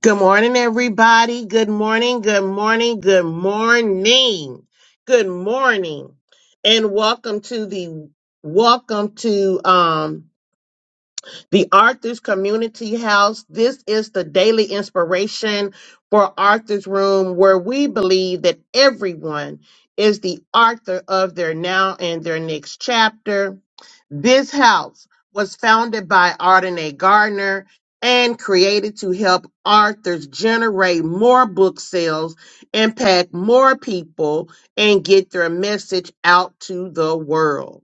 Good morning, everybody. Good morning, good morning, good morning, good morning, and welcome to the welcome to um the Arthur's Community House. This is the daily inspiration for Arthur's Room, where we believe that everyone is the author of their now and their next chapter. This house was founded by Arden A. Gardner and created to help authors generate more book sales, impact more people, and get their message out to the world.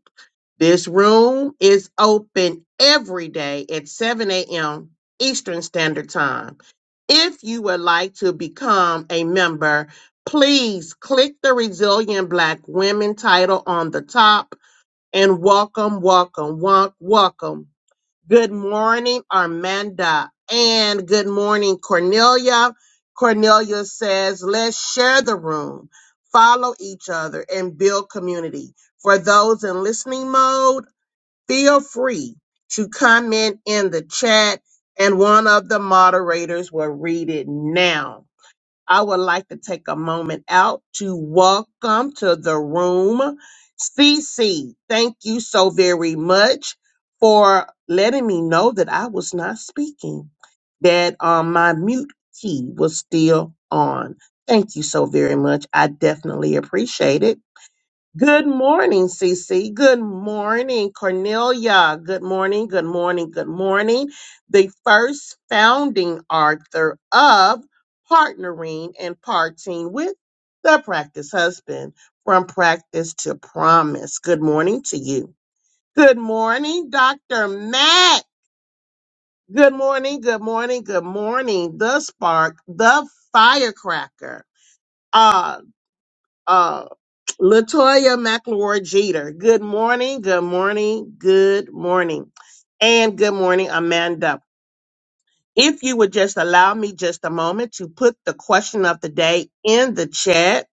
This room is open every day at 7 a.m. Eastern Standard Time. If you would like to become a member, please click the Resilient Black Women title on the top and welcome, welcome, welcome, welcome. Good morning, Armanda, and good morning, Cornelia. Cornelia says, let's share the room, follow each other, and build community. For those in listening mode, feel free to comment in the chat, and one of the moderators will read it now. I would like to take a moment out to welcome to the room CC. Thank you so very much for letting me know that I was not speaking, that um, my mute key was still on. Thank you so very much. I definitely appreciate it. Good morning, Cece. Good morning, Cornelia. Good morning, good morning, good morning. The first founding author of Partnering and Parting with the Practice Husband from Practice to Promise. Good morning to you. Good morning, Dr. Matt. Good morning, good morning, good morning. The spark, the firecracker. Uh, Latoya McLeod Jeter. Good morning, good morning, good morning. And good morning, Amanda. If you would just allow me just a moment to put the question of the day in the chat.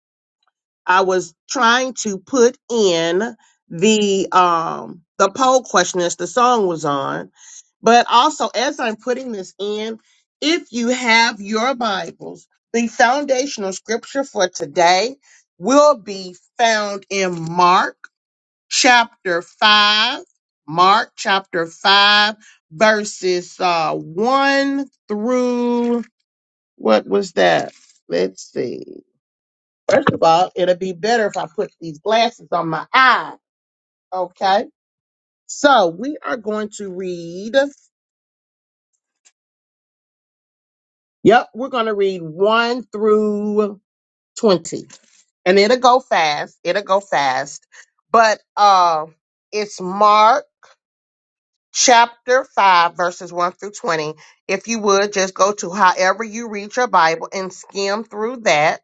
I was trying to put in the um the poll question as the song was on, but also as I'm putting this in, if you have your Bibles, the foundational scripture for today will be found in Mark chapter 5, Mark chapter 5, verses uh, 1 through what was that? Let's see. First of all, it'll be better if I put these glasses on my eye. Okay. So we are going to read, yep, we're going to read 1 through 20. And it'll go fast. It'll go fast. But uh, it's Mark. chapter 5, verses 1 through 20. If you would, just go to however you read your Bible and skim through that.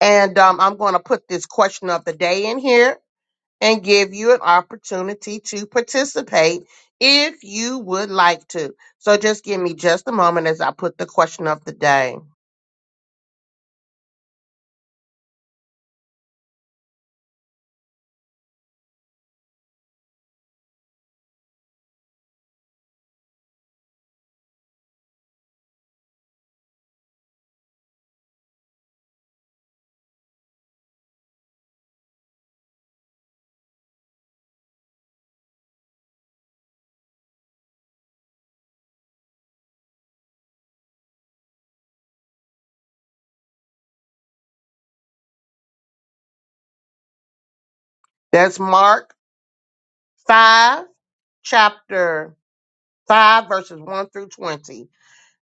And um, I'm going to put this question of the day in here and give you an opportunity to participate if you would like to. So just give me just a moment as I put the question of the day. That's Mark 5, chapter 5, verses 1 through 20.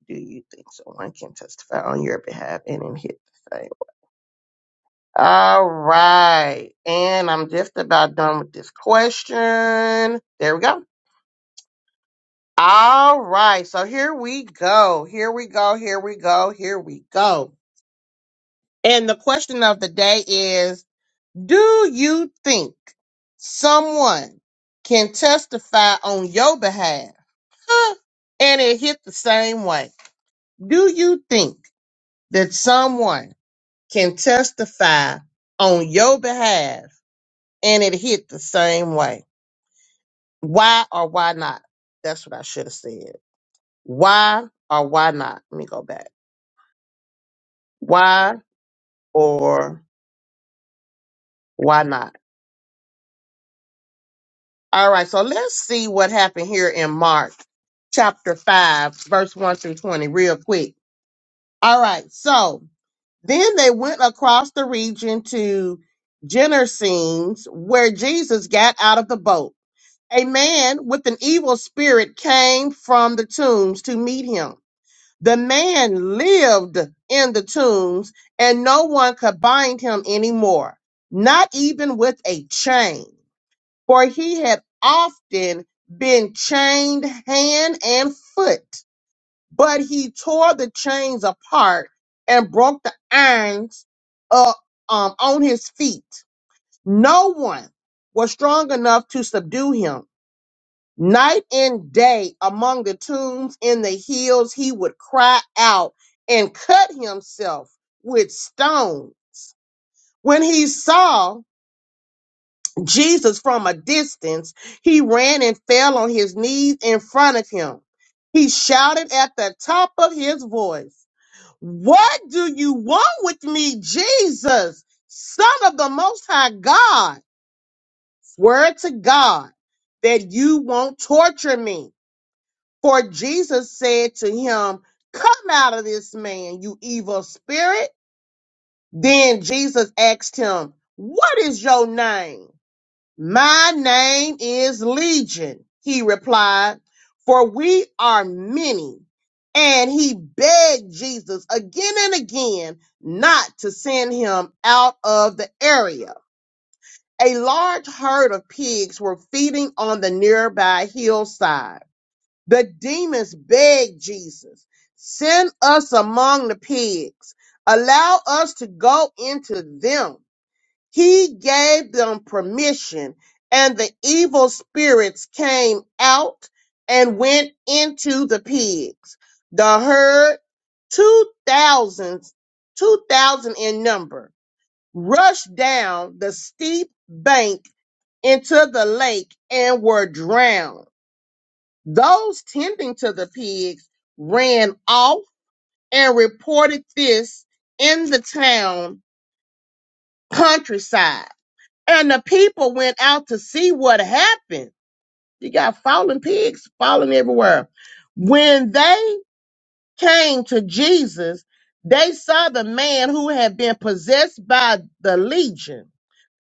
Do you think someone can testify on your behalf and in hit the same? All right. And I'm just about done with this question. There we go. All right. So here we go. Here we go. Here we go. Here we go. And the question of the day is Do you think someone can testify on your behalf huh, and it hit the same way? Do you think that someone can testify on your behalf and it hit the same way? Why or why not? That's what I should have said. Why or why not? Let me go back. Why or why not? All right, so let's see what happened here in Mark chapter 5, verse 1 through 20, real quick. All right, so then they went across the region to Gennesenes, where Jesus got out of the boat. A man with an evil spirit came from the tombs to meet him The man lived in the tombs, and no one could bind him anymore, not even with a chain, for he had often been chained hand and foot. But he tore the chains apart and broke the irons up um, on his feet. No one was strong enough to subdue him Night and day among the tombs in the hills, he would cry out and cut himself with stone. When he saw Jesus from a distance, he ran and fell on his knees in front of him. He shouted at the top of his voice, What do you want with me, Jesus, Son of the Most High God? Swear to God that you won't torture me. For Jesus said to him, Come out of this man, you evil spirit. Then Jesus asked him, What is your name? My name is Legion, he replied, for we are many. And he begged Jesus again and again not to send him out of the area. A large herd of pigs were feeding on the nearby hillside. The demons begged Jesus, send us among the pigs. Allow us to go into them. He gave them permission and the evil spirits came out and went into the pigs. The herd, two thousands, two thousand in number, rushed down the steep bank into the lake and were drowned. Those tending to the pigs ran off and reported this in the town countryside. And the people went out to see what happened. You got fallen pigs falling everywhere. When they came to Jesus, they saw the man who had been possessed by the legion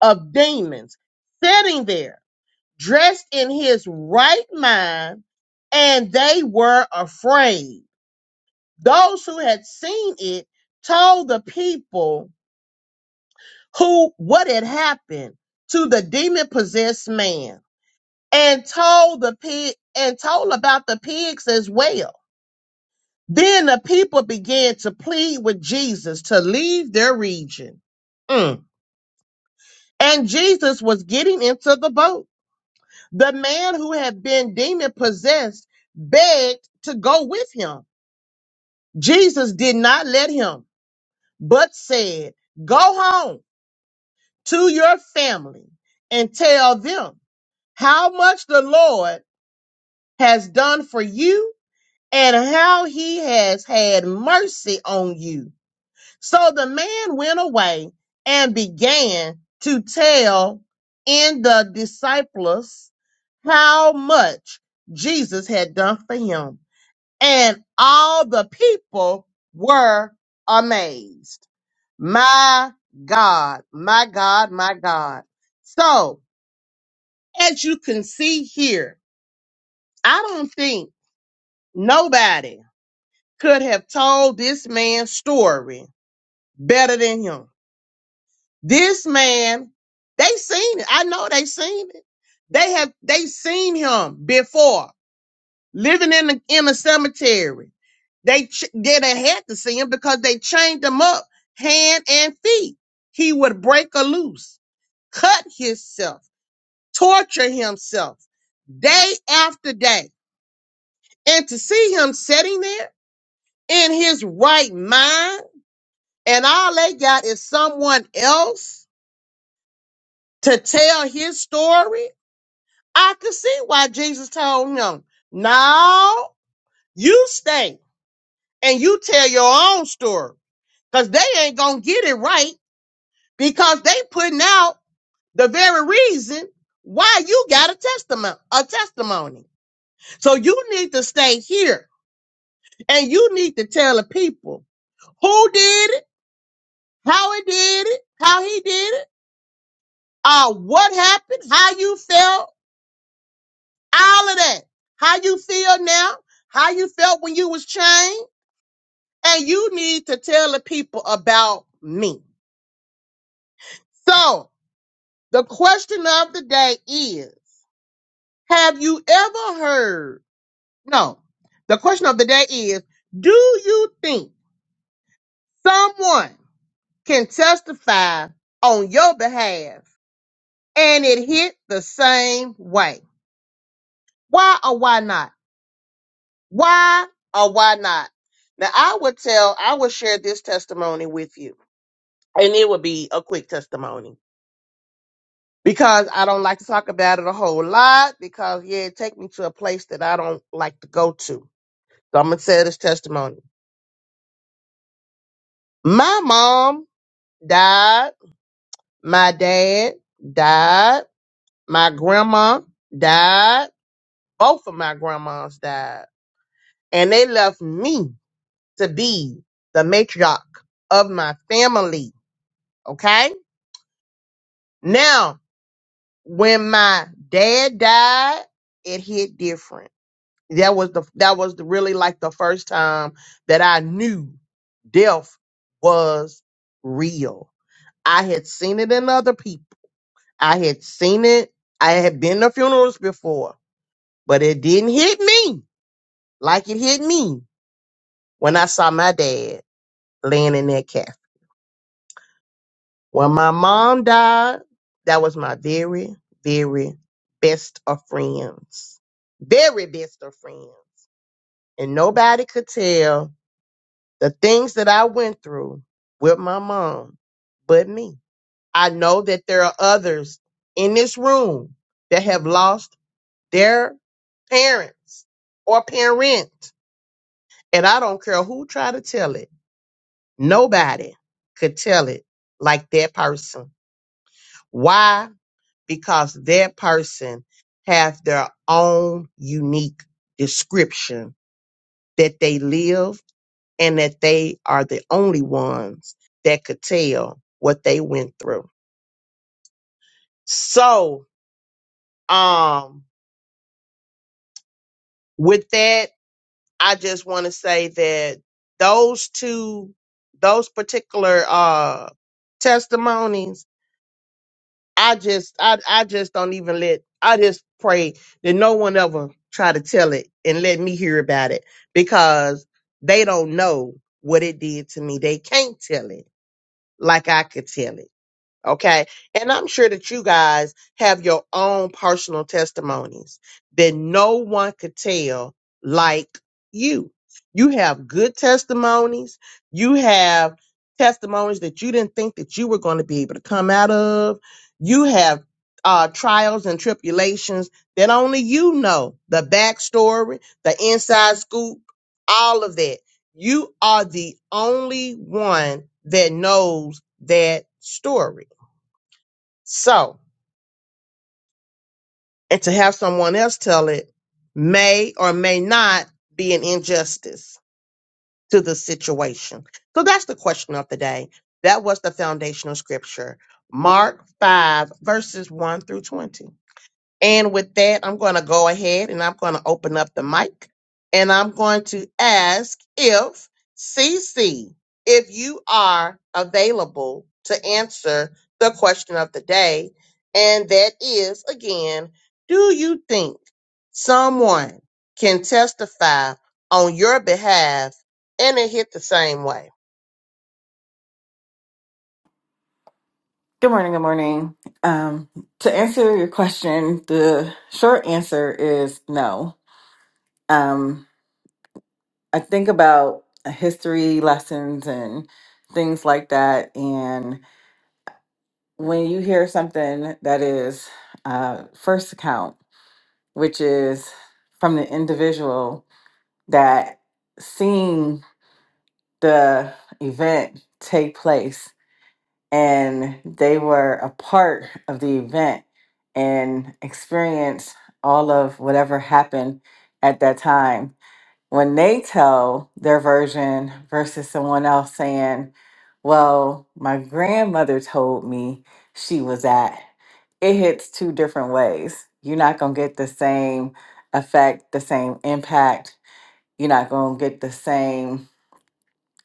of demons sitting there, dressed in his right mind, and they were afraid. Those who had seen it told the people who what had happened to the demon possessed man and told the pig and told about the pigs as well. Then the people began to plead with Jesus to leave their region. Mm. And Jesus was getting into the boat. The man who had been demon possessed begged to go with him. Jesus did not let him, but said, Go home to your family and tell them how much the Lord has done for you and how he has had mercy on you. So the man went away and began to tell in the disciples how much Jesus had done for him. And all the people were amazed. My God, my God, my God. So as you can see here, I don't think nobody could have told this man's story better than him. This man, they seen it. I know they seen it. They have they seen him before living in the in a cemetery. They ch- they done had to see him because they chained him up hand and feet. He would break a loose, cut himself, torture himself day after day and to see him sitting there in his right mind and all they got is someone else to tell his story, I could see why Jesus told him, no, you stay and you tell your own story because they ain't going to get it right because they putting out the very reason why you got a testimony, a testimony. So you need to stay here and you need to tell the people who did it how it did it, how he did it, uh, what happened, how you felt, all of that. How you feel now, how you felt when you was chained, and you need to tell the people about me. So the question of the day is, have you ever heard? No, the question of the day is, do you think someone can testify on your behalf and it hit the same way? Why or why not? Why or why not? Now I would tell, I would share this testimony with you. And it would be a quick testimony. Because I don't like to talk about it a whole lot. Because yeah, it take me to a place that I don't like to go to. So I'm gonna tell this testimony. My mom died, my dad died, my grandma died, both of my grandmas died. And they left me to be the matriarch of my family. Okay? Now, when my dad died, it hit different. That was the that was the, really like the first time that I knew death was real. I had seen it in other people. I had seen it. I had been to funerals before, but it didn't hit me like it hit me when I saw my dad laying in that casket. When my mom died, that was my very, very best of friends. Very best of friends. And nobody could tell the things that I went through with my mom but me. I know that there are others in this room that have lost their parents or parent. And I don't care who try to tell it. Nobody could tell it like that person. Why? because their person have their own unique description that they live and that they are the only ones that could tell what they went through. So, um, with that, I just want to say that those two, those particular, uh, testimonies I just I I just don't even let I just pray that no one ever try to tell it and let me hear about it because they don't know what it did to me. They can't tell it like I could tell it. Okay. And I'm sure that you guys have your own personal testimonies that no one could tell like you. You have good testimonies. You have testimonies that you didn't think that you were going to be able to come out of. You have uh, trials and tribulations that only you know the backstory, the inside scoop, all of that. You are the only one that knows that story. So, and to have someone else tell it may or may not be an injustice to the situation. So that's the question of the day. That was the foundational scripture, Mark 5, verses 1 through 20. And with that, I'm going to go ahead and I'm going to open up the mic and I'm going to ask if CC, if you are available to answer the question of the day. And that is again, do you think someone can testify on your behalf and it hit the same way? Good morning. Good morning. Um, to answer your question, the short answer is no. Um, I think about history lessons and things like that. And when you hear something that is uh, first account, which is from the individual that seeing the event take place and they were a part of the event and experienced all of whatever happened at that time. When they tell their version versus someone else saying, Well, my grandmother told me she was at, it hits two different ways. You're not going to get the same effect, the same impact. You're not going to get the same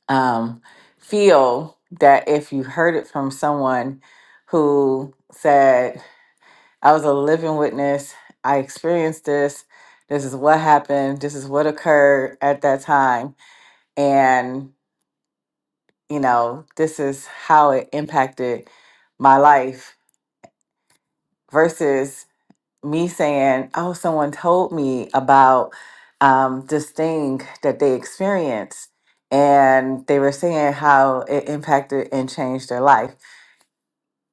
um, feel that if you heard it from someone who said, I was a living witness, I experienced this, this is what happened, this is what occurred at that time, and you know, this is how it impacted my life versus me saying, Oh, someone told me about um, this thing that they experienced. And they were saying how it impacted and changed their life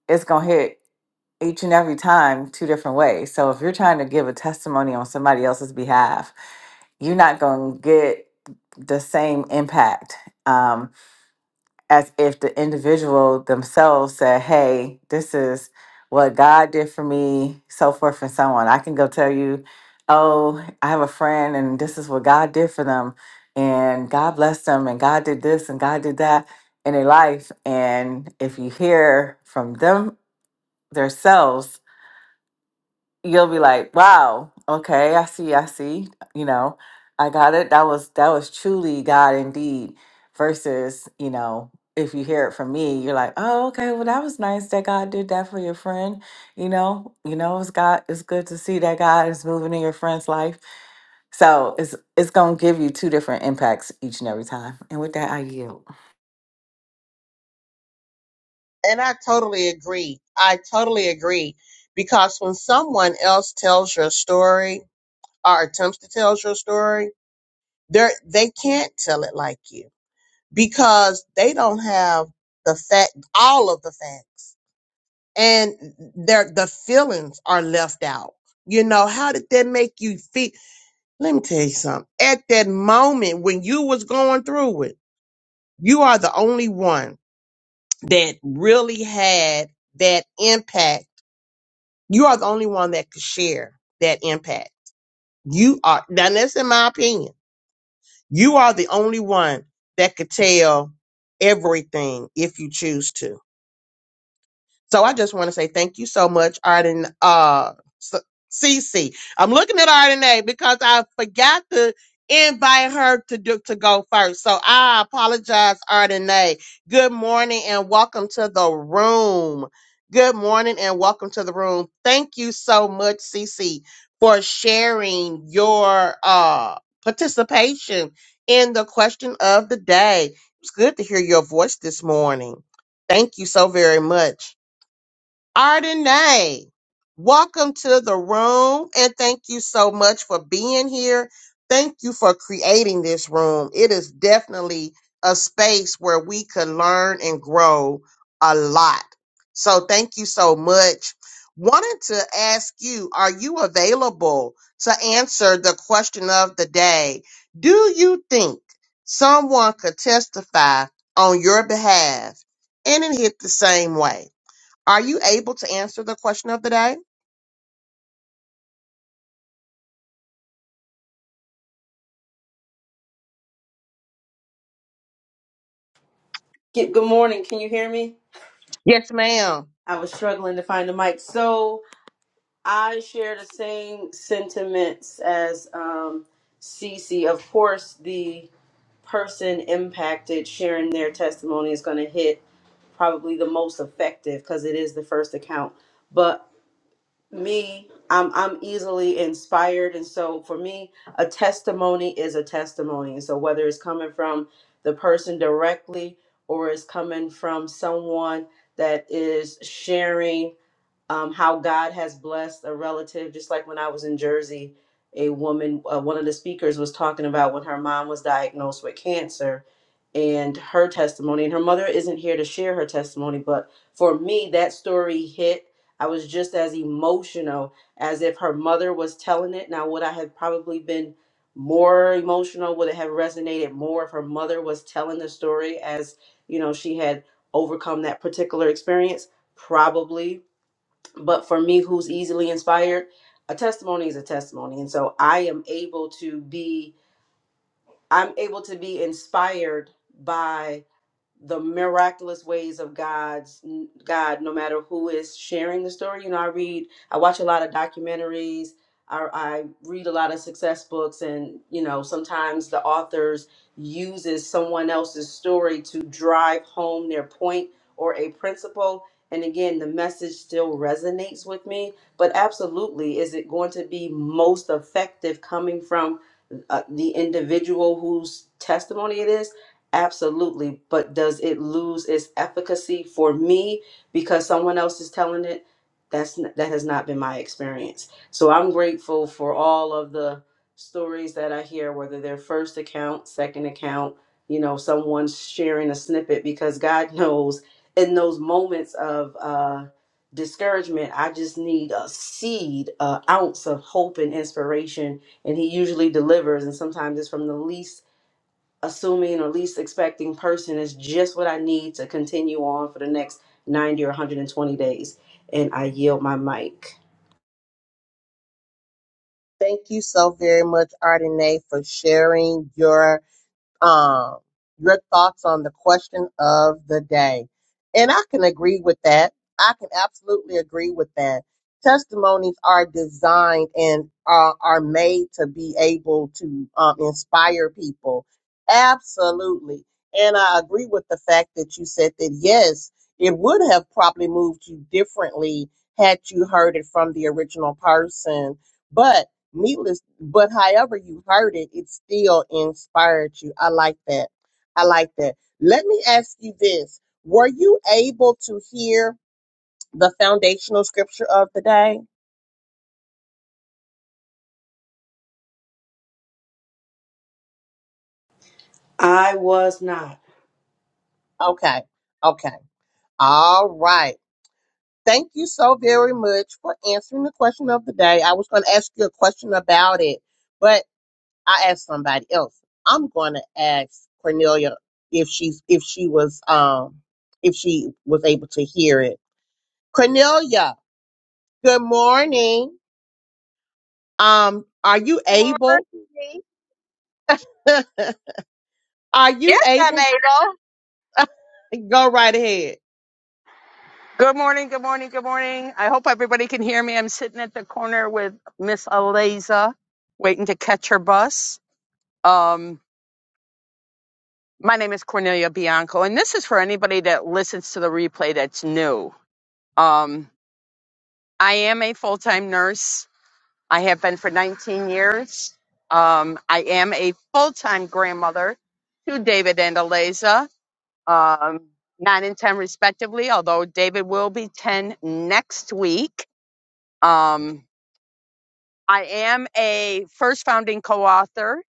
it's going to hit each and every time two different ways. So if you're trying to give a testimony on somebody else's behalf, you're not going to get the same impact um, as if the individual themselves said, Hey, this is what God did for me, so forth and so on. I can go tell you, Oh, I have a friend, and this is what God did for them, and God blessed them, and God did this, and God did that in their life. And if you hear from them themselves, you'll be like, wow, okay, I see, I see, you know, I got it. That was that was truly God indeed. Versus, you know, if you hear it from me, you're like, oh, okay, well, that was nice that God did that for your friend. You know, you know, it's God. It's good to see that God is moving in your friend's life. So it's it's gonna give you two different impacts each and every time. And with that, I yield. And I totally agree. I totally agree because when someone else tells your story, or attempts to tell your story, they they can't tell it like you because they don't have the fact all of the facts and their the feelings are left out. You know, how did that make you feel? Let me tell you something. At that moment when you was going through it, you are the only one that really had that impact. You are the only one that could share that impact. You are now that's in my opinion You are the only one that could tell everything if you choose to. So I just want to say thank you so much, Arden uh S- Cece. I'm looking at Arden A because I forgot to invite her to do to go first. So I apologize, Arden A. Good morning and welcome to the room. Good morning and welcome to the room. Thank you so much, Cece, for sharing your uh participation in the question of the day. It's good to hear your voice this morning. Thank you so very much. Ardenay, welcome to the room and thank you so much for being here. Thank you for creating this room. It is definitely a space where we could learn and grow a lot. So thank you so much. Wanted to ask you, are you available to answer the question of the day? Do you think someone could testify on your behalf and it hit the same way? Are you able to answer the question of the day? Good good morning. Can you hear me? Yes, ma'am. I was struggling to find the mic. So I share the same sentiments as um, Cece. Of course, the person impacted sharing their testimony is going to hit probably the most effective because it is the first account. But me I'm I'm easily inspired and so for me a testimony is a testimony and so whether it's coming from the person directly or it's coming from someone that is sharing um, how God has blessed a relative. Just like when I was in Jersey, a woman, uh, one of the speakers was talking about when her mom was diagnosed with cancer and her testimony. And her mother isn't here to share her testimony, but for me, that story hit. I was just as emotional as if her mother was telling it. Now, would I have probably been more emotional? Would it have resonated more if her mother was telling the story as, you know, she had overcome that particular experience? Probably but for me who's easily inspired a testimony is a testimony and so i am able to be i'm able to be inspired by the miraculous ways of God's God, no matter who is sharing the story. You know, I read, I watch a lot of documentaries. I, I read a lot of success books, and you know, sometimes the authors uses someone else's story to drive home their point or a principle. And again, the message still resonates with me. But absolutely, is it going to be most effective coming from uh, the individual whose testimony it is? Absolutely, but does it lose its efficacy for me because someone else is telling it? That's n- that has not been my experience. So I'm grateful for all of the stories that I hear, whether they're first account, second account, you know, someone's sharing a snippet because God knows in those moments of uh, discouragement, I just need a seed, an ounce of hope and inspiration, and He usually delivers. And sometimes it's from the least assuming or least expecting person is just what I need to continue on for the next 90 or 120 days. And I yield my mic. Thank you so very much, Ardenae, for sharing your um, your thoughts on the question of the day. And I can agree with that. I can absolutely agree with that. Testimonies are designed and are, are made to be able to um, inspire people. Absolutely. And I agree with the fact that you said that, yes, it would have probably moved you differently had you heard it from the original person. But Needless, but however you heard it, it still inspired you. I like that. I like that. Let me ask you this. Were you able to hear the foundational scripture of the day? I was not. Okay. Okay. All right. Thank you so very much for answering the question of the day. I was going to ask you a question about it, but I asked somebody else. I'm going to ask Cornelia if she's if she was um if she was able to hear it. Cornelia, Good morning. Um, are you able? morning. are you Yes, I'm able? able. Go right ahead. Good morning, good morning, good morning. I hope everybody can hear me. I'm sitting at the corner with Miss Aliza, waiting to catch her bus. Um, my name is Cornelia Bianco, and this is for anybody that listens to the replay that's new. Um, I am a full time nurse. I have been for 19 years. Um, I am a full time grandmother to David and Aliza. um, nine and 10 respectively, although David will be 10 next week. Um, I am a first founding co-author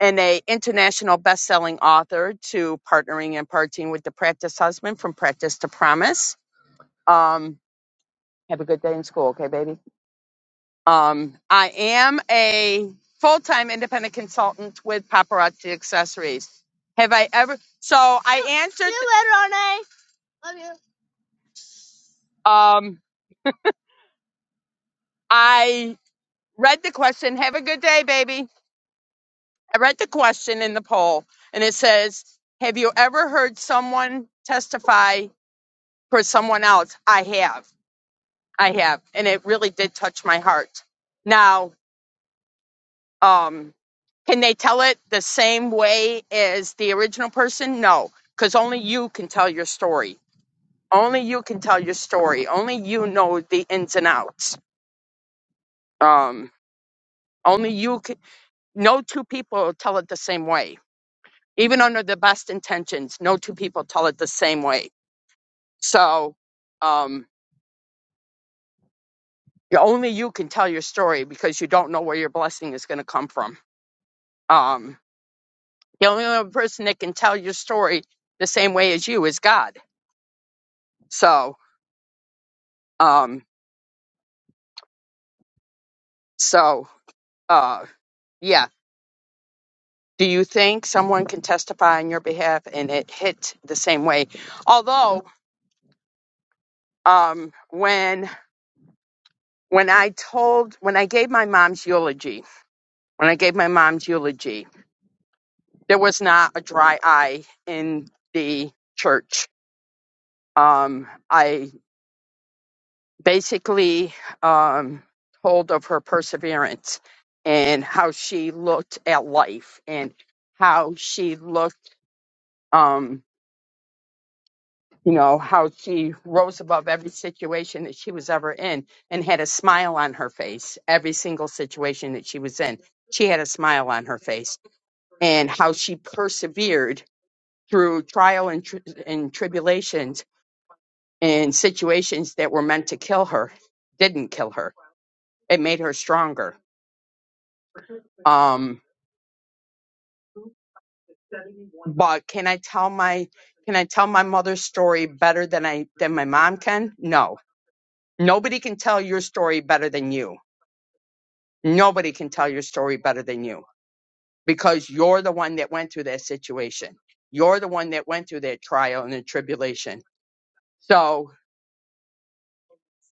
and a international best-selling author to partnering and partying with the practice husband from practice to promise. Um, have a good day in school. Okay, baby. Um, I am a full-time independent consultant with paparazzi accessories. Have I ever, so I answered, You you. later, Arne. love you. um, I read the question. Have a good day, baby. I read the question in the poll, and it says, Have you ever heard someone testify for someone else? I have. I have. And it really did touch my heart. Now, um, can they tell it the same way as the original person? No, because only you can tell your story. Only you can tell your story. Only you know the ins and outs. Um, only you can. No two people tell it the same way even under the best intentions, no two people tell it the same way. So, um, only you can tell your story because you don't know where your blessing is going to come from. Um, the only other person that can tell your story the same way as you is God. So, um, so, uh, yeah. Do you think someone can testify on your behalf and it hit the same way? Although, um, when when I told when I gave my mom's eulogy, when I gave my mom's eulogy, there was not a dry eye in the church. Um, I basically um, told of her perseverance and how she looked at life and how she looked, um, you know, how she rose above every situation that she was ever in and had a smile on her face every single situation that she was in. She had a smile on her face and how she persevered through trial and, tri- and tribulations and situations that were meant to kill her didn't kill her. It made her stronger. Um, but can I tell my can I tell my mother's story better than I than my mom can? No. Nobody can tell your story better than you. Nobody can tell your story better than you because you're the one that went through that situation. You're the one that went through that trial and the tribulation. So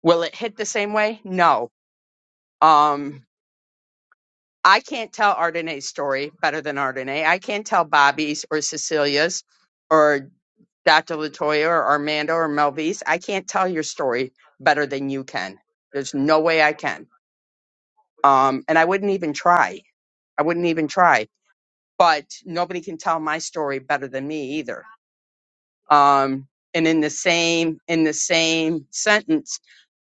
will it hit the same way? No. Um, I can't tell Ardenae's story better than Ardenae. I can't tell Bobby's or Cecilia's or Dr. Latoya or Armando or Melvise. I can't tell your story better than you can. There's no way I can. Um, and I wouldn't even try. I wouldn't even try. But nobody can tell my story better than me either. Um, and in the same in the same sentence,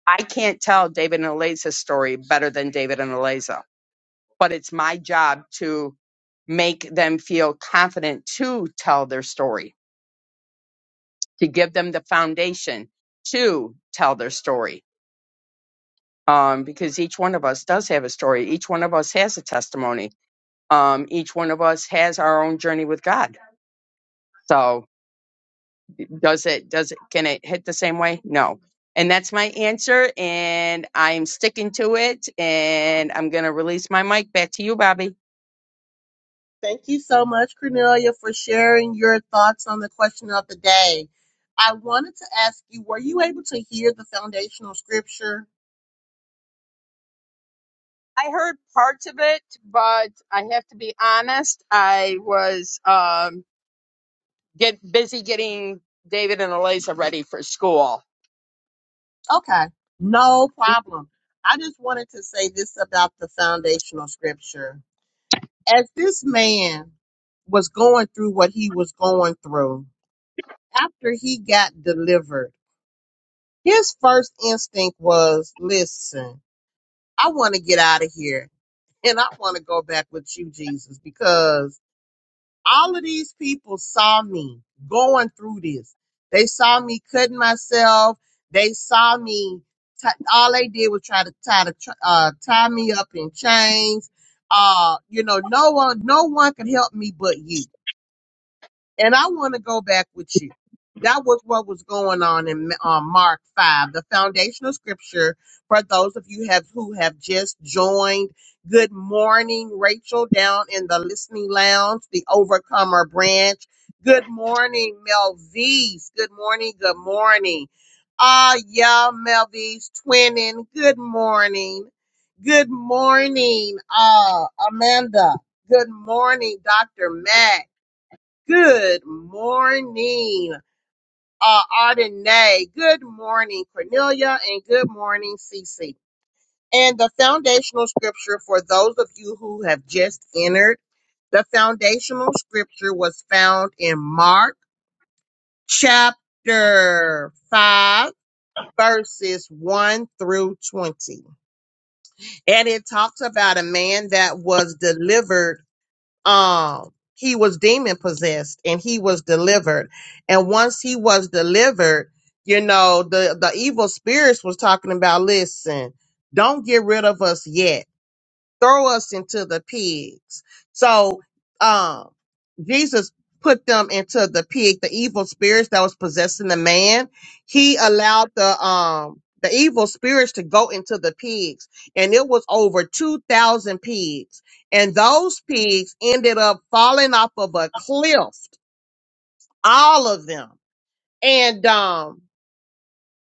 I can't tell David and Eliza's story better than David and Eliza but it's my job to make them feel confident to tell their story, to give them the foundation to tell their story. Um, because each one of us does have a story. Each one of us has a testimony. Um, each one of us has our own journey with God. So does it, does it, can it hit the same way? No. And that's my answer. And I'm sticking to it. And I'm going to release my mic back to you, Bobby. Thank you so much, Cornelia, for sharing your thoughts on the question of the day. I wanted to ask you, were you able to hear the foundational scripture? I heard parts of it, but I have to be honest, I was um get busy getting David and Eliza ready for school. Okay, no problem. I just wanted to say this about the foundational scripture. As this man was going through what he was going through, after he got delivered, His first instinct was, listen, I want to get out of here and I want to go back with you, Jesus, because all of these people saw me going through this. They saw me cutting myself. They saw me. T- all they did was try to tie to tr- uh, tie me up in chains. Uh, you know, no one, no one could help me but you and I want to go back with you. That was what was going on in uh, Mark 5, the foundational scripture for those of you have who have just joined. Good morning, Rachel, down in the listening lounge, the Overcomer branch. Good morning, Melvise. Good morning, good morning. Ah, yeah, Melvise twinning. Good morning. Good morning, uh, Amanda. Good morning, Dr. Matt. Good morning, uh, Ardenae. Good morning, Cornelia, and good morning, Cece. And the foundational scripture for those of you who have just entered, the foundational scripture was found in Mark chapter 5, verses 1 through 20. And it talks about a man that was delivered um he was demon possessed and he was delivered and once he was delivered you know the the evil spirits was talking about listen don't get rid of us yet throw us into the pigs so um. Jesus put them into the pig, the evil spirits that was possessing the man. He allowed the um the evil spirits to go into the pigs, and it was over two thousand pigs. And those pigs ended up falling off of a cliff, all of them. And um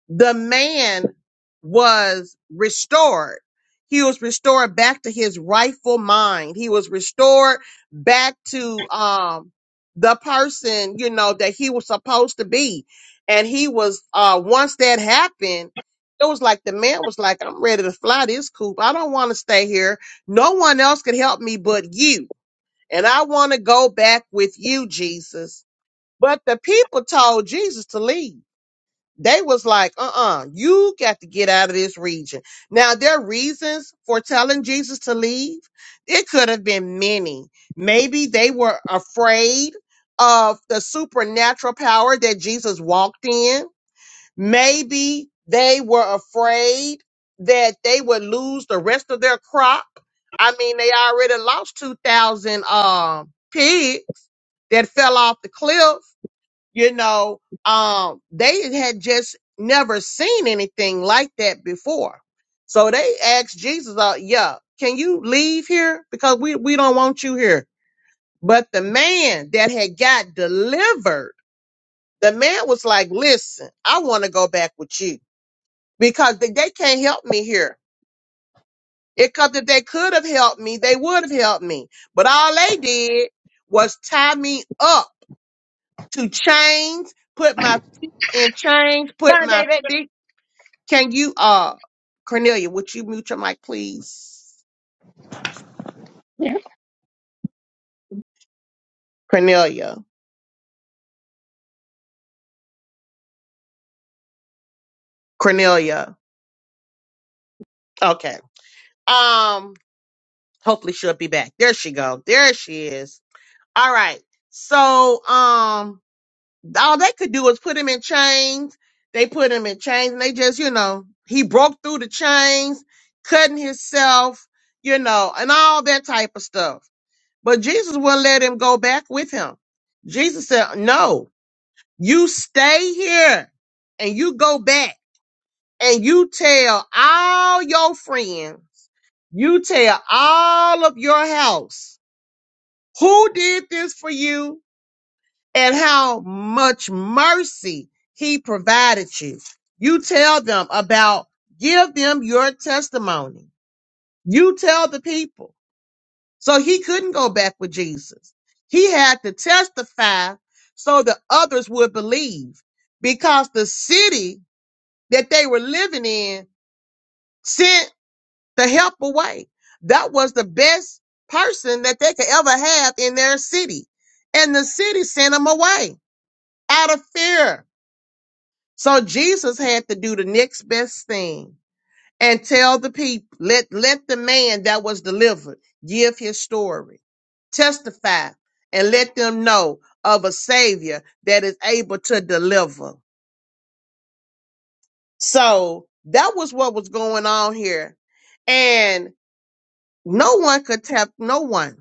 the man was restored. He was restored back to his rightful mind. He was restored back to um, the person, you know, that he was supposed to be. And he was, uh, once that happened, it was like the man was like, I'm ready to fly this coop. I don't want to stay here. No one else could help me but you. And I want to go back with you, Jesus. But the people told Jesus to leave. They was like, uh-uh, you got to get out of this region. Now, their reasons for telling Jesus to leave, it could have been many. Maybe they were afraid of the supernatural power that Jesus walked in. Maybe they were afraid that they would lose the rest of their crop. I mean, they already lost 2,000 um pigs that fell off the cliff you know um they had just never seen anything like that before so they asked jesus uh, yeah can you leave here because we, we don't want you here but the man that had got delivered the man was like listen i want to go back with you because they, they can't help me here it because if they could have helped me they would have helped me but all they did was tie me up to chains put my in chains, put my feet Can you, uh, Cornelia, would you mute your mic, please? Cornelia, Cornelia. Okay. Um, hopefully she'll be back. There she go. There she is. All right. So, um, all they could do is put him in chains. They put him in chains, and they just, you know, he broke through the chains, cutting himself, you know, and all that type of stuff. But Jesus wouldn't let him go back with him. Jesus said, "No, You stay here and you go back and you tell all your friends, you tell all of your house who did this for you and how much mercy he provided you. You tell them about, give them your testimony. You tell the people. So he couldn't go back with Jesus. He had to testify so that others would believe because the city that they were living in sent the help away. That was the best person that they could ever have in their city. And the city sent them away out of fear. So Jesus had to do the next best thing and tell the people, let, let the man that was delivered give his story, testify, and let them know of a savior that is able to deliver. So that was what was going on here. And No one could tell, no one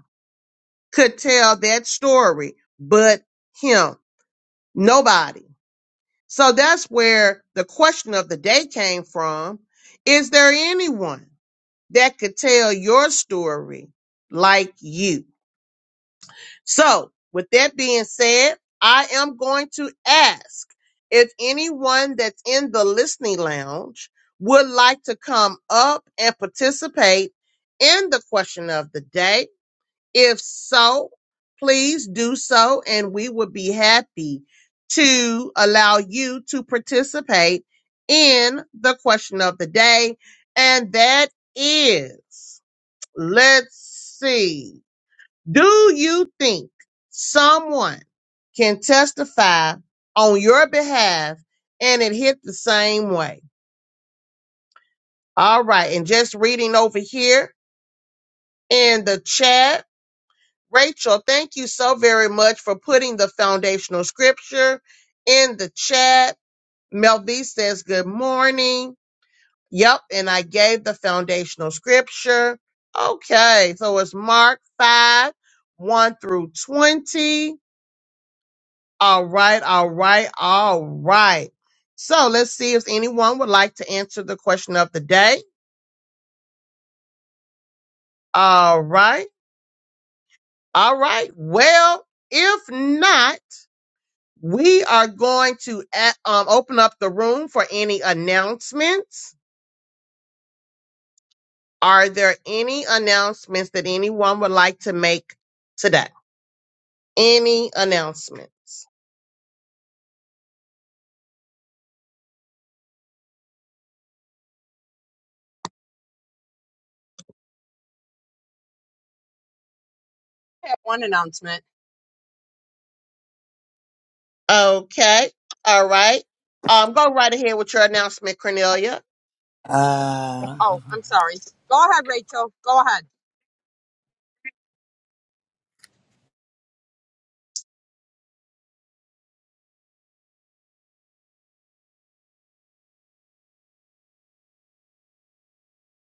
could tell that story but him. Nobody. So that's where the question of the day came from. Is there anyone that could tell your story like you? So with that being said, I am going to ask if anyone that's in the listening lounge would like to come up and participate in the question of the day If so, please do so, and we would be happy to allow you to participate in the question of the day. And that is, let's see, do you think someone can testify on your behalf and it hit the same way? All right. And just reading over here in the chat. Rachel, thank you so very much for putting the foundational scripture in the chat. Mel B says, Good morning. Yep, and I gave the foundational scripture. Okay, so it's Mark 5 1 through 20. All right, all right, all right. So let's see if anyone would like to answer the question of the day. All right, all right. Well, if not, We are going to a- um, open up the room for any announcements. Are there any announcements that anyone would like to make today? Any announcements? I have one announcement. Okay. All right. Um, go right ahead with your announcement, Cornelia. Uh, Oh, I'm sorry. Go ahead, Rachel. Go ahead.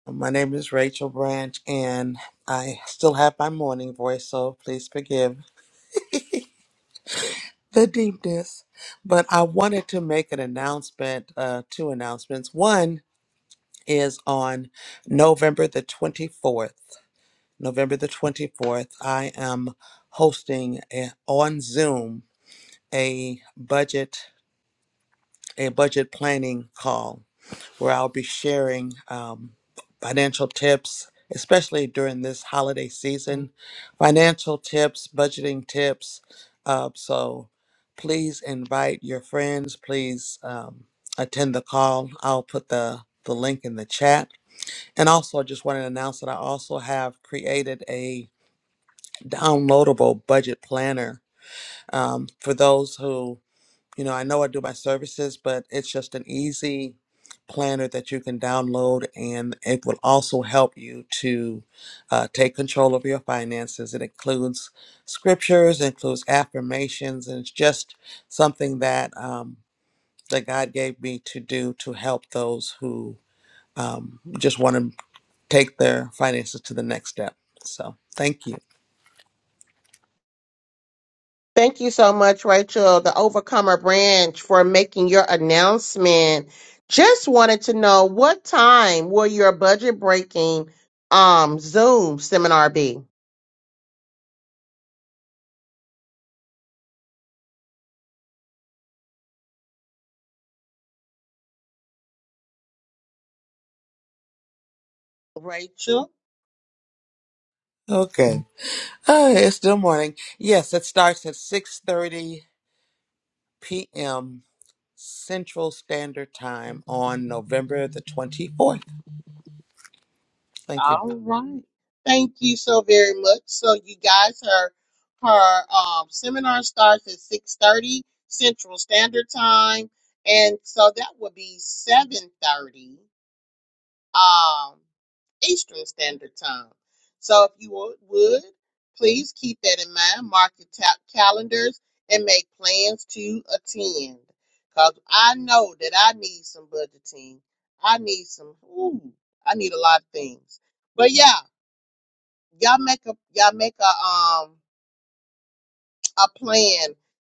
my name is Rachel Branch, and I still have my morning voice, so please forgive the deepness. But I wanted to make an announcement, uh, two announcements. One is on November the 24th. November the 24th, I am hosting a, on Zoom a budget a budget planning call where I'll be sharing um, financial tips, especially during this holiday season, financial tips, budgeting tips. Uh, so please invite your friends. Please um, attend the call. I'll put the the link in the chat. And also, I just want to announce that I also have created a downloadable budget planner um, for those who you know, I know I do my services, but it's just an easy planner that you can download, and it will also help you to uh, take control of your finances. It includes scriptures, includes affirmations, and it's just something that um, that God gave me to do to help those who um, just want to take their finances to the next step. So, thank you. Thank you so much, Rachel, the Overcomer Branch, for making your announcement. Just wanted to know what time will your budget breaking um Zoom seminar be? Rachel. Okay. Oh, it's still morning. Yes, it starts at 6:30 p.m. Central Standard Time on November the 24th. Thank you. All right. Thank you so very much. So you guys, her her um, seminar starts at six thirty Central Standard Time, and so that would be seven thirty um, Eastern Standard Time. So if you would, would please keep that in mind. Mark your ta- calendars and make plans to attend, because I know that I need some budgeting. I need some. Ooh, I need a lot of things. But yeah y'all make a y'all make a um a plan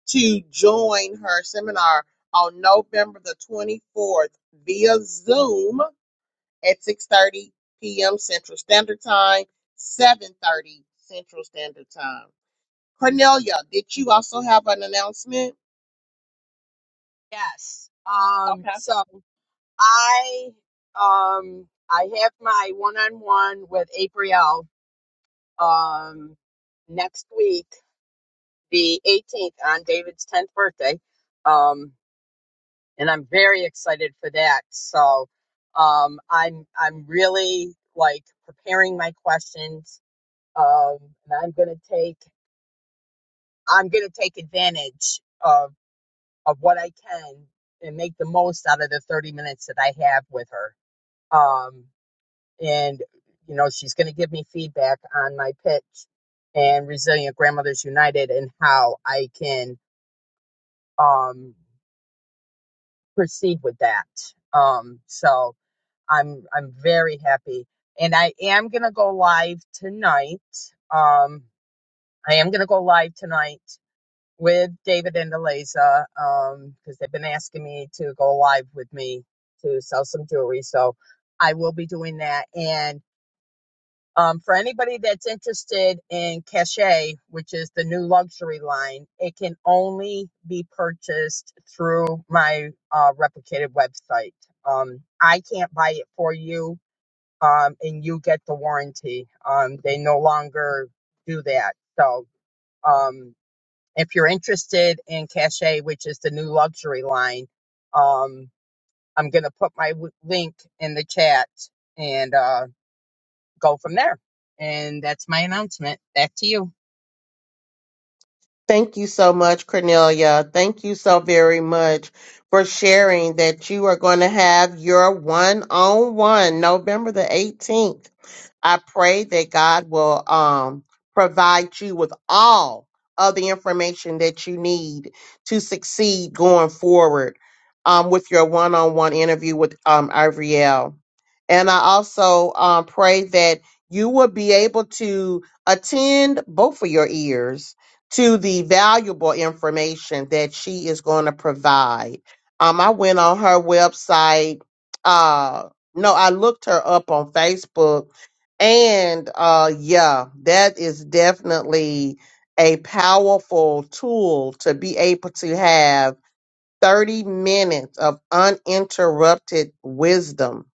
to join her seminar on November the 24th via Zoom at 6:30 p.m. Central Standard Time, 7:30 Central Standard Time. Cornelia, did you also have an announcement? Yes. Um so I um I have my one-on-one with April um next week, the 18th on David's 10th birthday. Um and I'm very excited for that. So um, I'm I'm really like preparing my questions, um, and I'm gonna take I'm gonna take advantage of of what I can and make the most out of the 30 minutes that I have with her. Um, and you know she's gonna give me feedback on my pitch and Resilient Grandmothers United and how I can um, proceed with that. Um, so I'm I'm very happy, and I am gonna go live tonight. Um, I am gonna go live tonight with David and Eliza, um, because they've been asking me to go live with me to sell some jewelry, so I will be doing that. And um, for anybody that's interested in Cachet, which is the new luxury line, it can only be purchased through my uh, replicated website. Um, I can't buy it for you um, and you get the warranty. Um, they no longer do that. So um, if you're interested in Cache, which is the new luxury line, um, I'm going to put my w- link in the chat and uh, go from there. And that's my announcement. Back to you. Thank you so much, Cornelia. Thank you so very much for sharing that you are going to have your one on one November the 18th I pray that God will um, provide you with all of the information that you need to succeed going forward um, with your one on one interview with um, Ivriel. And I also um, pray that you will be able to attend both of your ears to the valuable information that she is going to provide. Um, I went on her website. Uh, no, I looked her up on Facebook and uh yeah, that is definitely a powerful tool to be able to have 30 minutes of uninterrupted wisdom.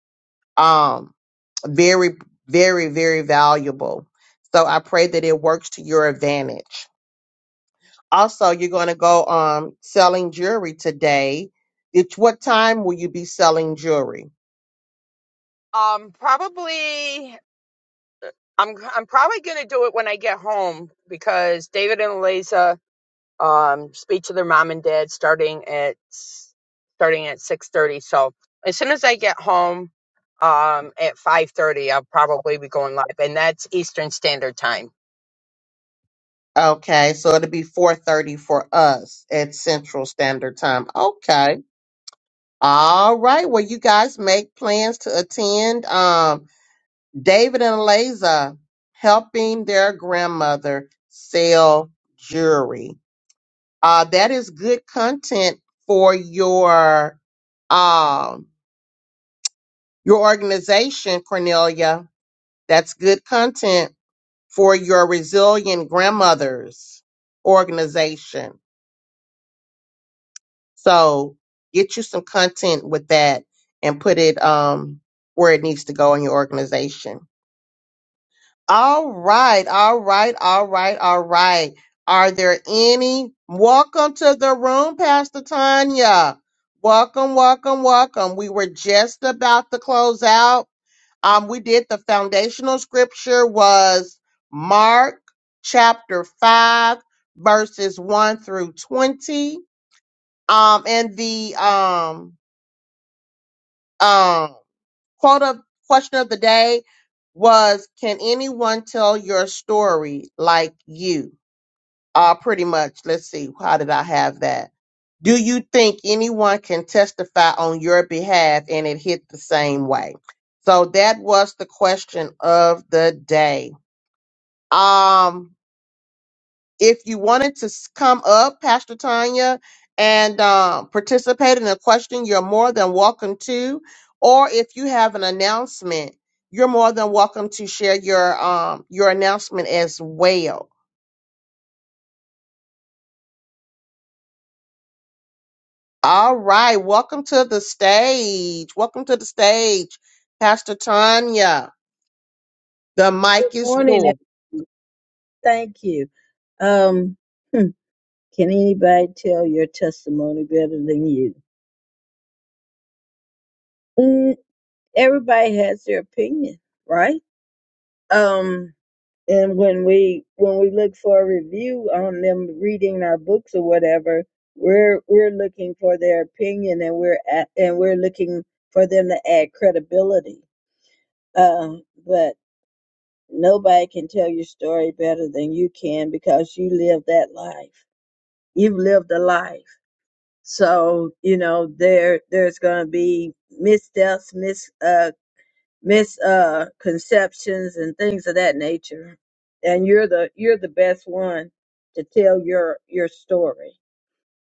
Um very very very valuable. So I pray that it works to your advantage. Also, you're going to go um selling jewelry today. It's what time will you be selling jewelry? Um, probably. I'm I'm probably gonna do it when I get home because David and Eliza um, speak to their mom and dad starting at starting at six thirty. So as soon as I get home um, at five thirty, I'll probably be going live, and that's Eastern Standard Time. Okay, so it'll be 4:30 for us at Central Standard Time. Okay All right. Well, you guys make plans to attend. Um, David and Eliza helping their grandmother sell jewelry. Uh, that is good content for your um your organization, Cornelia. That's good content for your resilient grandmothers organization. So get you some content with that and put it um where it needs to go in your organization. All right, all right, all right, all right. Are there any? Welcome to the room, Pastor Tanya. Welcome, welcome, welcome. We were just about to close out. Um, we did the foundational scripture was Mark chapter five, verses one through twenty. Um, and the um um quote of question of the day was can anyone tell your story like you uh pretty much let's see how did i have that do you think anyone can testify on your behalf and it hit the same way so that was the question of the day um if you wanted to s- come up, Pastor Tanya, and uh, participate in a question, you're more than welcome to. Or if you have an announcement, you're more than welcome to share your um, your announcement as well. All right, welcome to the stage. Welcome to the stage, Pastor Tanya. The Good mic is morning, yours. and thank you. Um, hmm, can anybody tell your testimony better than you? Mm, everybody has their opinion, right? Um, and when we when we look for a review on them reading our books or whatever, we're we're looking for their opinion, and we're at, and we're looking for them to add credibility. Uh, but nobody can tell your story better than you can because you live that life. You've lived a life So, you know, there there's gonna be missteps, mis uh misconceptions and things of that nature. And you're the you're the best one to tell your your story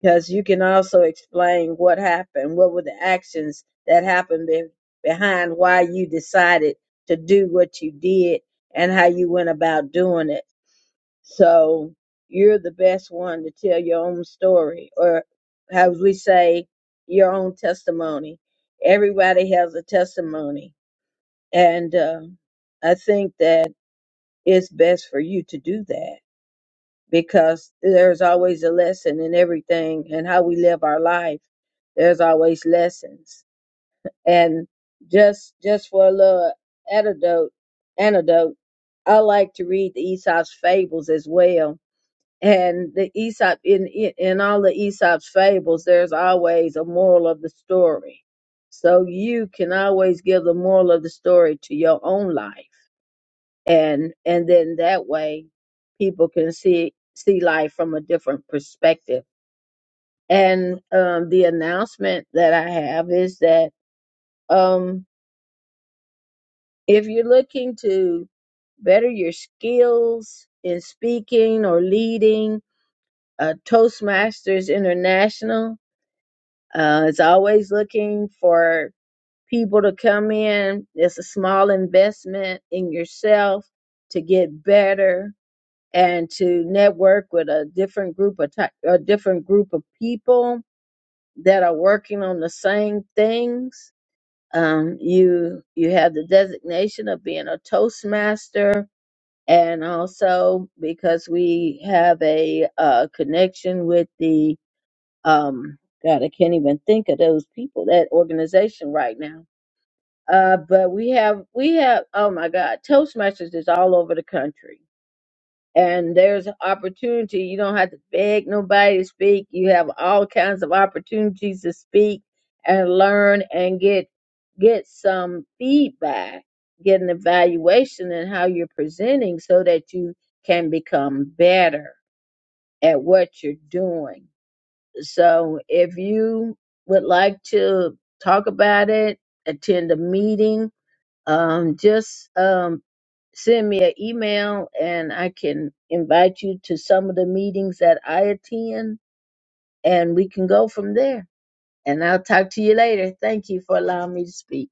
because you can also explain what happened, what were the actions that happened be, behind why you decided to do what you did and how you went about doing it so you're the best one to tell your own story, or as we say, your own testimony. Everybody has a testimony. And uh, I think that it's best for you to do that because there's always a lesson in everything and how we live our life. There's always lessons. And just just for a little antidote, antidote, I like to read the Aesop's fables as well and the Aesop in in all the Aesop's fables, there's always a moral of the story. So you can always give the moral of the story to your own life, and and then that way, people can see see life from a different perspective. And um, the announcement that I have is that um, if you're looking to better your skills in speaking or leading, uh, Toastmasters International Uh, it's always looking for people to come in. It's a small investment in yourself to get better and to network with a different group of ty- a different group of people that are working on the same things. Um, you you have the designation of being a Toastmaster, and also because we have a uh, connection with the um god i can't even think of those people that organization right now uh but we have we have oh my god toastmasters is all over the country and there's opportunity you don't have to beg nobody to speak you have all kinds of opportunities to speak and learn and get get some feedback get an evaluation in how you're presenting so that you can become better at what you're doing so if you would like to talk about it, attend a meeting, um, just um, send me an email and I can invite you to some of the meetings that I attend and we can go from there. And I'll talk to you later. Thank you for allowing me to speak.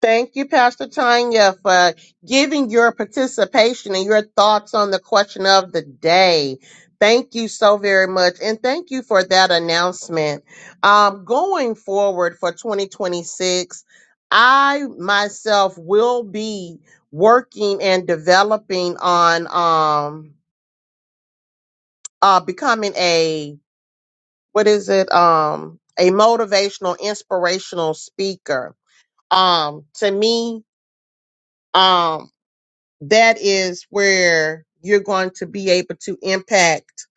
Thank you, Pastor Tanya, for giving your participation and your thoughts on the question of the day. Thank you so very much. And thank you for that announcement. Um, going forward for 2026, I myself will be working and developing on um, uh, becoming a, what is it? Um, a motivational, inspirational speaker. Um, to me, um, that is where you're going to be able to impact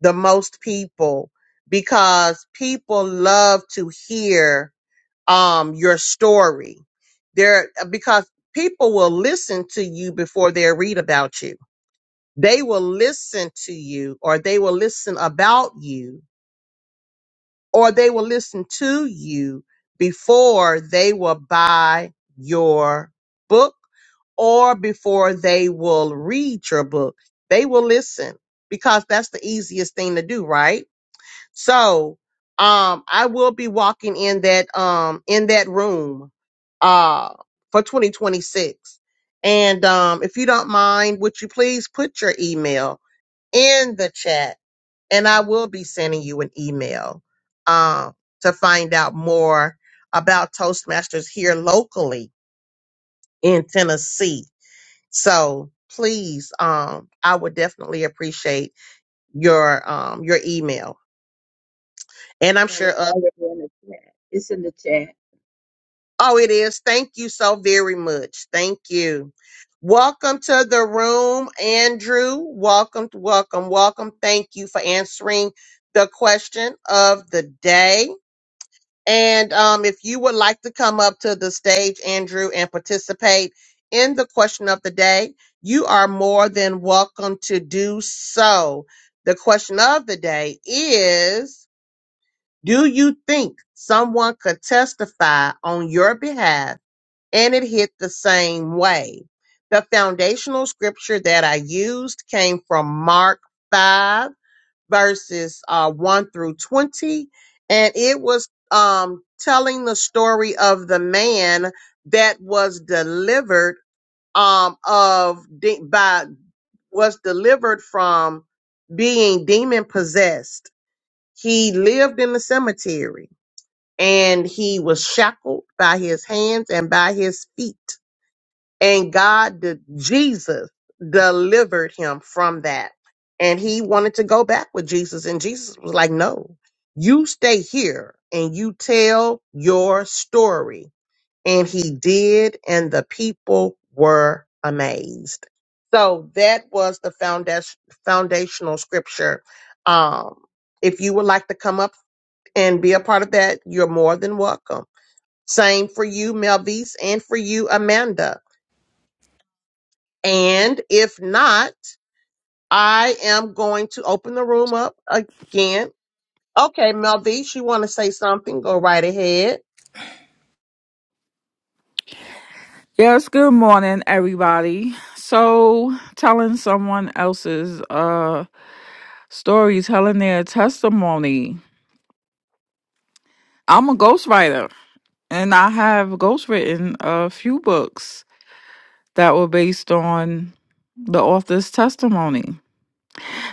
the most people because people love to hear um your story there because people will listen to you before they read about you they will listen to you or they will listen about you or they will listen to you before they will buy your book or before they will read your book. They will listen because that's the easiest thing to do, right? So, um, I will be walking in that, um, in that room, uh, for 2026. And, um, if you don't mind, would you please put your email in the chat? and I will be sending you an email um, to find out more about Toastmasters here locally in Tennessee. So please, um, I would definitely appreciate your um, your email, and I'm And sure. it's Others, already in the chat. It's in the chat. oh, it is. Thank you so very much. Thank you. Welcome to the room, Andrew. Welcome, welcome, welcome. Thank you for answering the question of the day. And um, if you would like to come up to the stage, Andrew, and participate in the question of the day, you are more than welcome to do so. The question of the day is Do you think someone could testify on your behalf and it hit the same way? The foundational scripture that I used came from Mark 5 verses uh, 1 through 20. And it was um, telling the story of the man that was delivered um, of de- by was delivered from being demon possessed. He lived in the cemetery and he was shackled by his hands and by his feet and God, de- Jesus, delivered him from that. And he wanted to go back with Jesus, and Jesus was like, "No, you stay here and you tell your story." And he did, and the people were amazed. So that was the foundation, foundational scripture. Um, if you would like to come up and be a part of that, you're more than welcome. Same for you, Melvise, and for you, Amanda and if not, I am going to open the room up again. Okay, Melvish, you want to say something? Go right ahead. Yes, good morning, everybody. So, telling someone else's uh story, telling their testimony. I'm a ghostwriter, and I have ghostwritten a few books that were based on the author's testimony.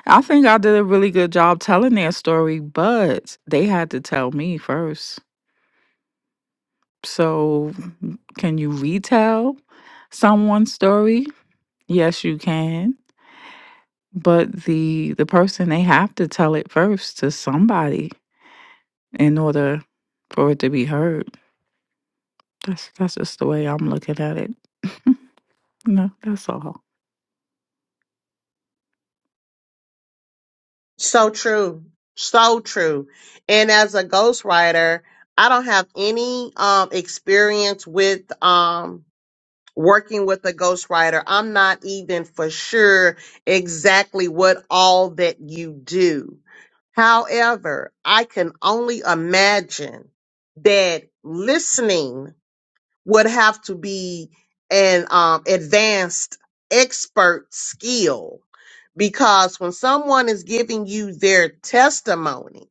I think I did a really good job telling their story, but they had to tell me first. So, can you retell someone's story? Yes, you can. but the the person they have to tell it first to somebody in order for it to be heard that's that's just the way i'm looking at it no that's all So true. So true. And as a ghostwriter, I don't have any um experience with um working with a ghostwriter, I'm not even for sure exactly what all that you do. However, I can only imagine that listening would have to be an um, advanced expert skill because when someone is giving you their testimony,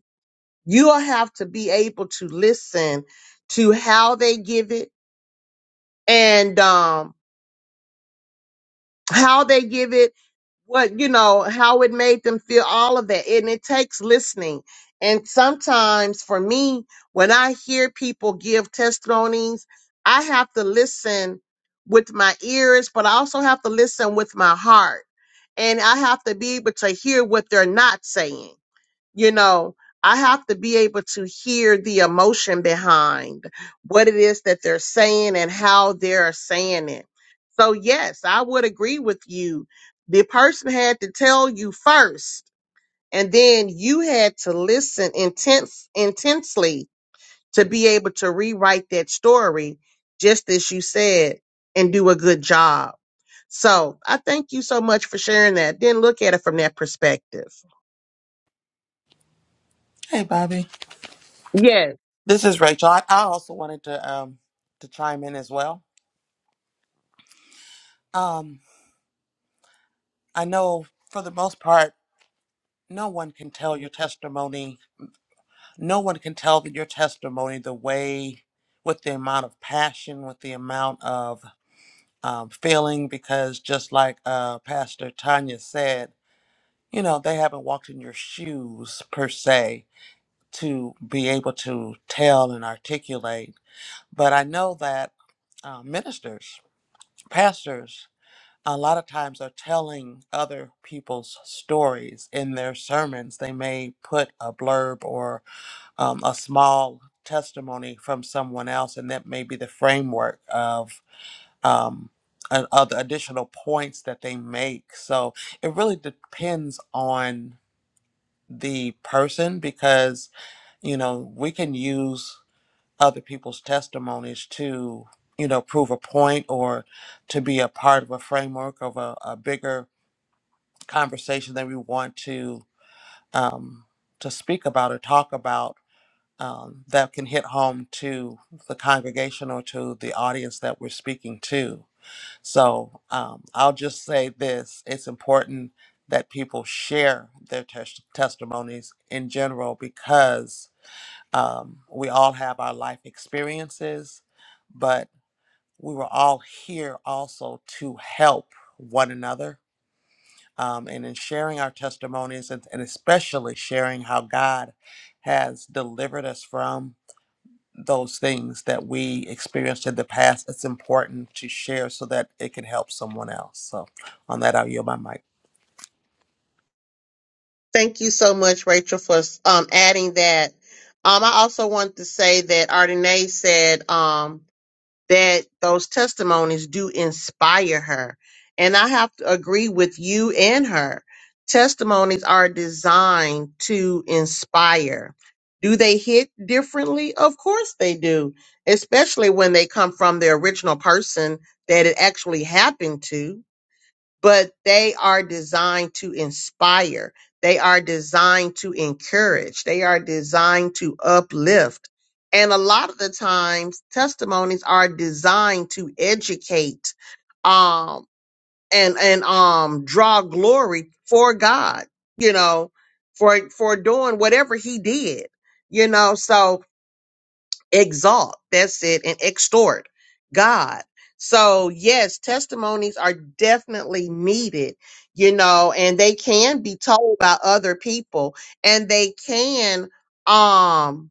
you'll have to be able to listen to how they give it and um, how they give it what you know how it made them feel all of that and it takes listening and sometimes for me when i hear people give testimonies i have to listen with my ears but i also have to listen with my heart and i have to be able to hear what they're not saying you know i have to be able to hear the emotion behind what it is that they're saying and how they're saying it so yes i would agree with you the person had to tell you first and then you had to listen intense intensely to be able to rewrite that story just as you said and do a good job so i thank you so much for sharing that then look at it from that perspective Hey, Bobby. Yes. This is Rachel. I, I also wanted to um, to chime in as well. Um, I know for the most part, no one can tell your testimony. No one can tell your testimony the way, with the amount of passion, with the amount of um, feeling, because just like uh, Pastor Tanya said, you know, they haven't walked in your shoes per se to be able to tell and articulate. But I know that uh, ministers, pastors, a lot of times are telling other people's stories in their sermons. They may put a blurb or um, a small testimony from someone else, and that may be the framework of. Um, a- other additional points that they make. So it really depends on the person because you know we can use other people's testimonies to you know prove a point or to be a part of a framework of a, a bigger conversation that we want to um, to speak about or talk about um, that can hit home to the congregation or to the audience that we're speaking to so um, i'll just say this it's important that people share their tes- testimonies in general because um, we all have our life experiences, but we were all here also to help one another um, and in sharing our testimonies and, and especially sharing how God has delivered us from those things that we experienced in the past. It's important to share so that it can help someone else. So, on that, I'll yield my mic. Thank you so much, Rachel, for um, adding that. Um, I also want to say that Ardenae said um, that those testimonies do inspire her. And I have to agree with you and her. Testimonies are designed to inspire. Do they hit differently? Of course they do, especially when they come from the original person that it actually happened to but they are designed to inspire. They are designed to encourage. They are designed to uplift. And a lot of the times testimonies are designed to educate, um, and, and, um, draw glory for God, you know, for, for doing whatever he did, you know, so, exalt that's it and extort god so yes testimonies are definitely needed you know and they can be told by other people and they can um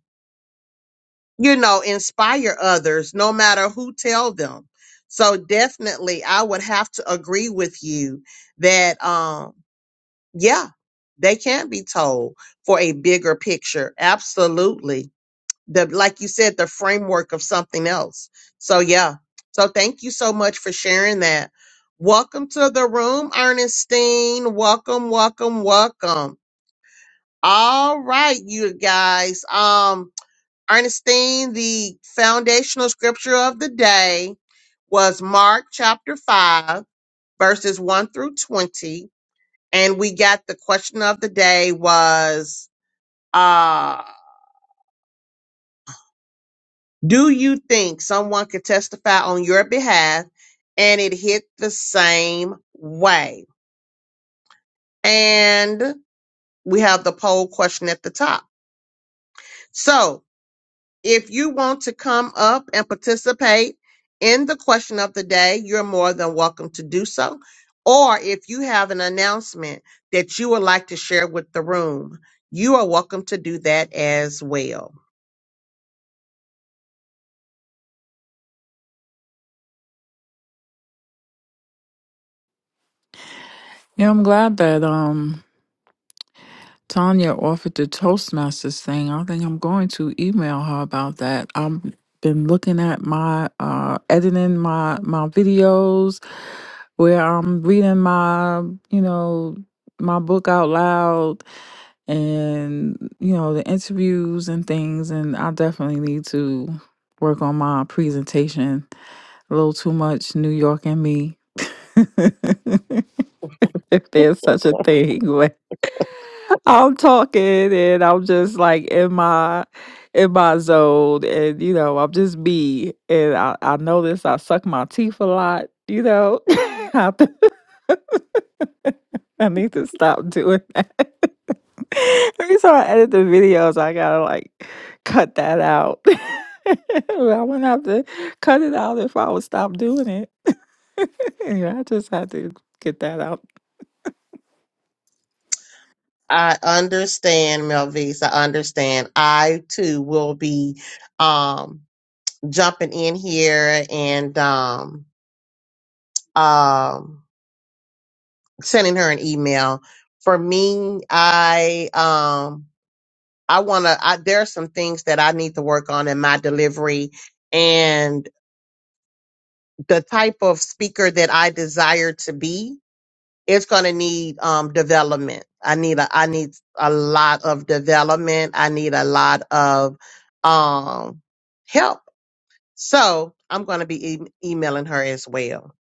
you know inspire others no matter who tell them so definitely i would have to agree with you that um yeah they can be told for a bigger picture absolutely the like you said the framework of something else so yeah so thank you so much for sharing that welcome to the room ernestine welcome welcome welcome all right you guys um ernestine the foundational scripture of the day was mark chapter 5 verses 1 through 20 and we got the question of the day was uh, Do you think someone could testify on your behalf and it hit the same way? And we have the poll question at the top. So if you want to come up and participate in the question of the day, you're more than welcome to do so. Or if you have an announcement that you would like to share with the room, you are welcome to do that as well. yeah i'm glad that um tanya offered the toastmasters thing i think i'm going to email her about that i've been looking at my uh editing my my videos where i'm reading my you know my book out loud and you know the interviews and things and i definitely need to work on my presentation a little too much new york and me if there's such a thing where i'm talking and i'm just like in my in my zone and you know i'm just me and i, I notice i suck my teeth a lot you know I, I need to stop doing that Every time I edit the videos, I gotta like cut that out. I wouldn't have to cut it out if I would stop doing it. Anyway, I just had to get that out I understand, Melvise. I understand. I too will be um jumping in here and um um sending her an email. For me, I um I wanna I there are some things that I need to work on in my delivery and the type of speaker that I desire to be. it's going to need um, development. I need a, I need a lot of development. I need a lot of um, help. So I'm going to be e- emailing her as well.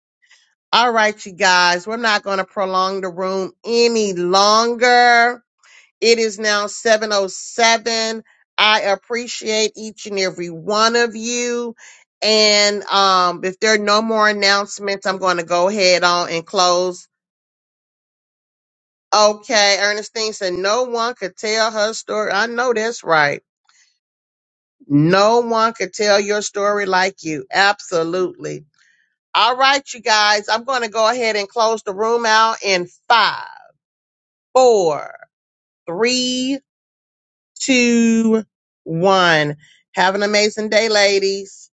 All right, you guys, we're not going to prolong the room any longer. It is now 707. I appreciate each and every one of you. And um, if there are no more announcements, I'm going to go ahead on and close Okay, Ernestine said, no one could tell her story. I know that's right. No one could tell your story like you. Absolutely. All right, you guys, I'm going to go ahead and close the room out in five, four, three, two, one. Have an amazing day, ladies.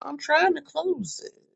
I'm trying to close it.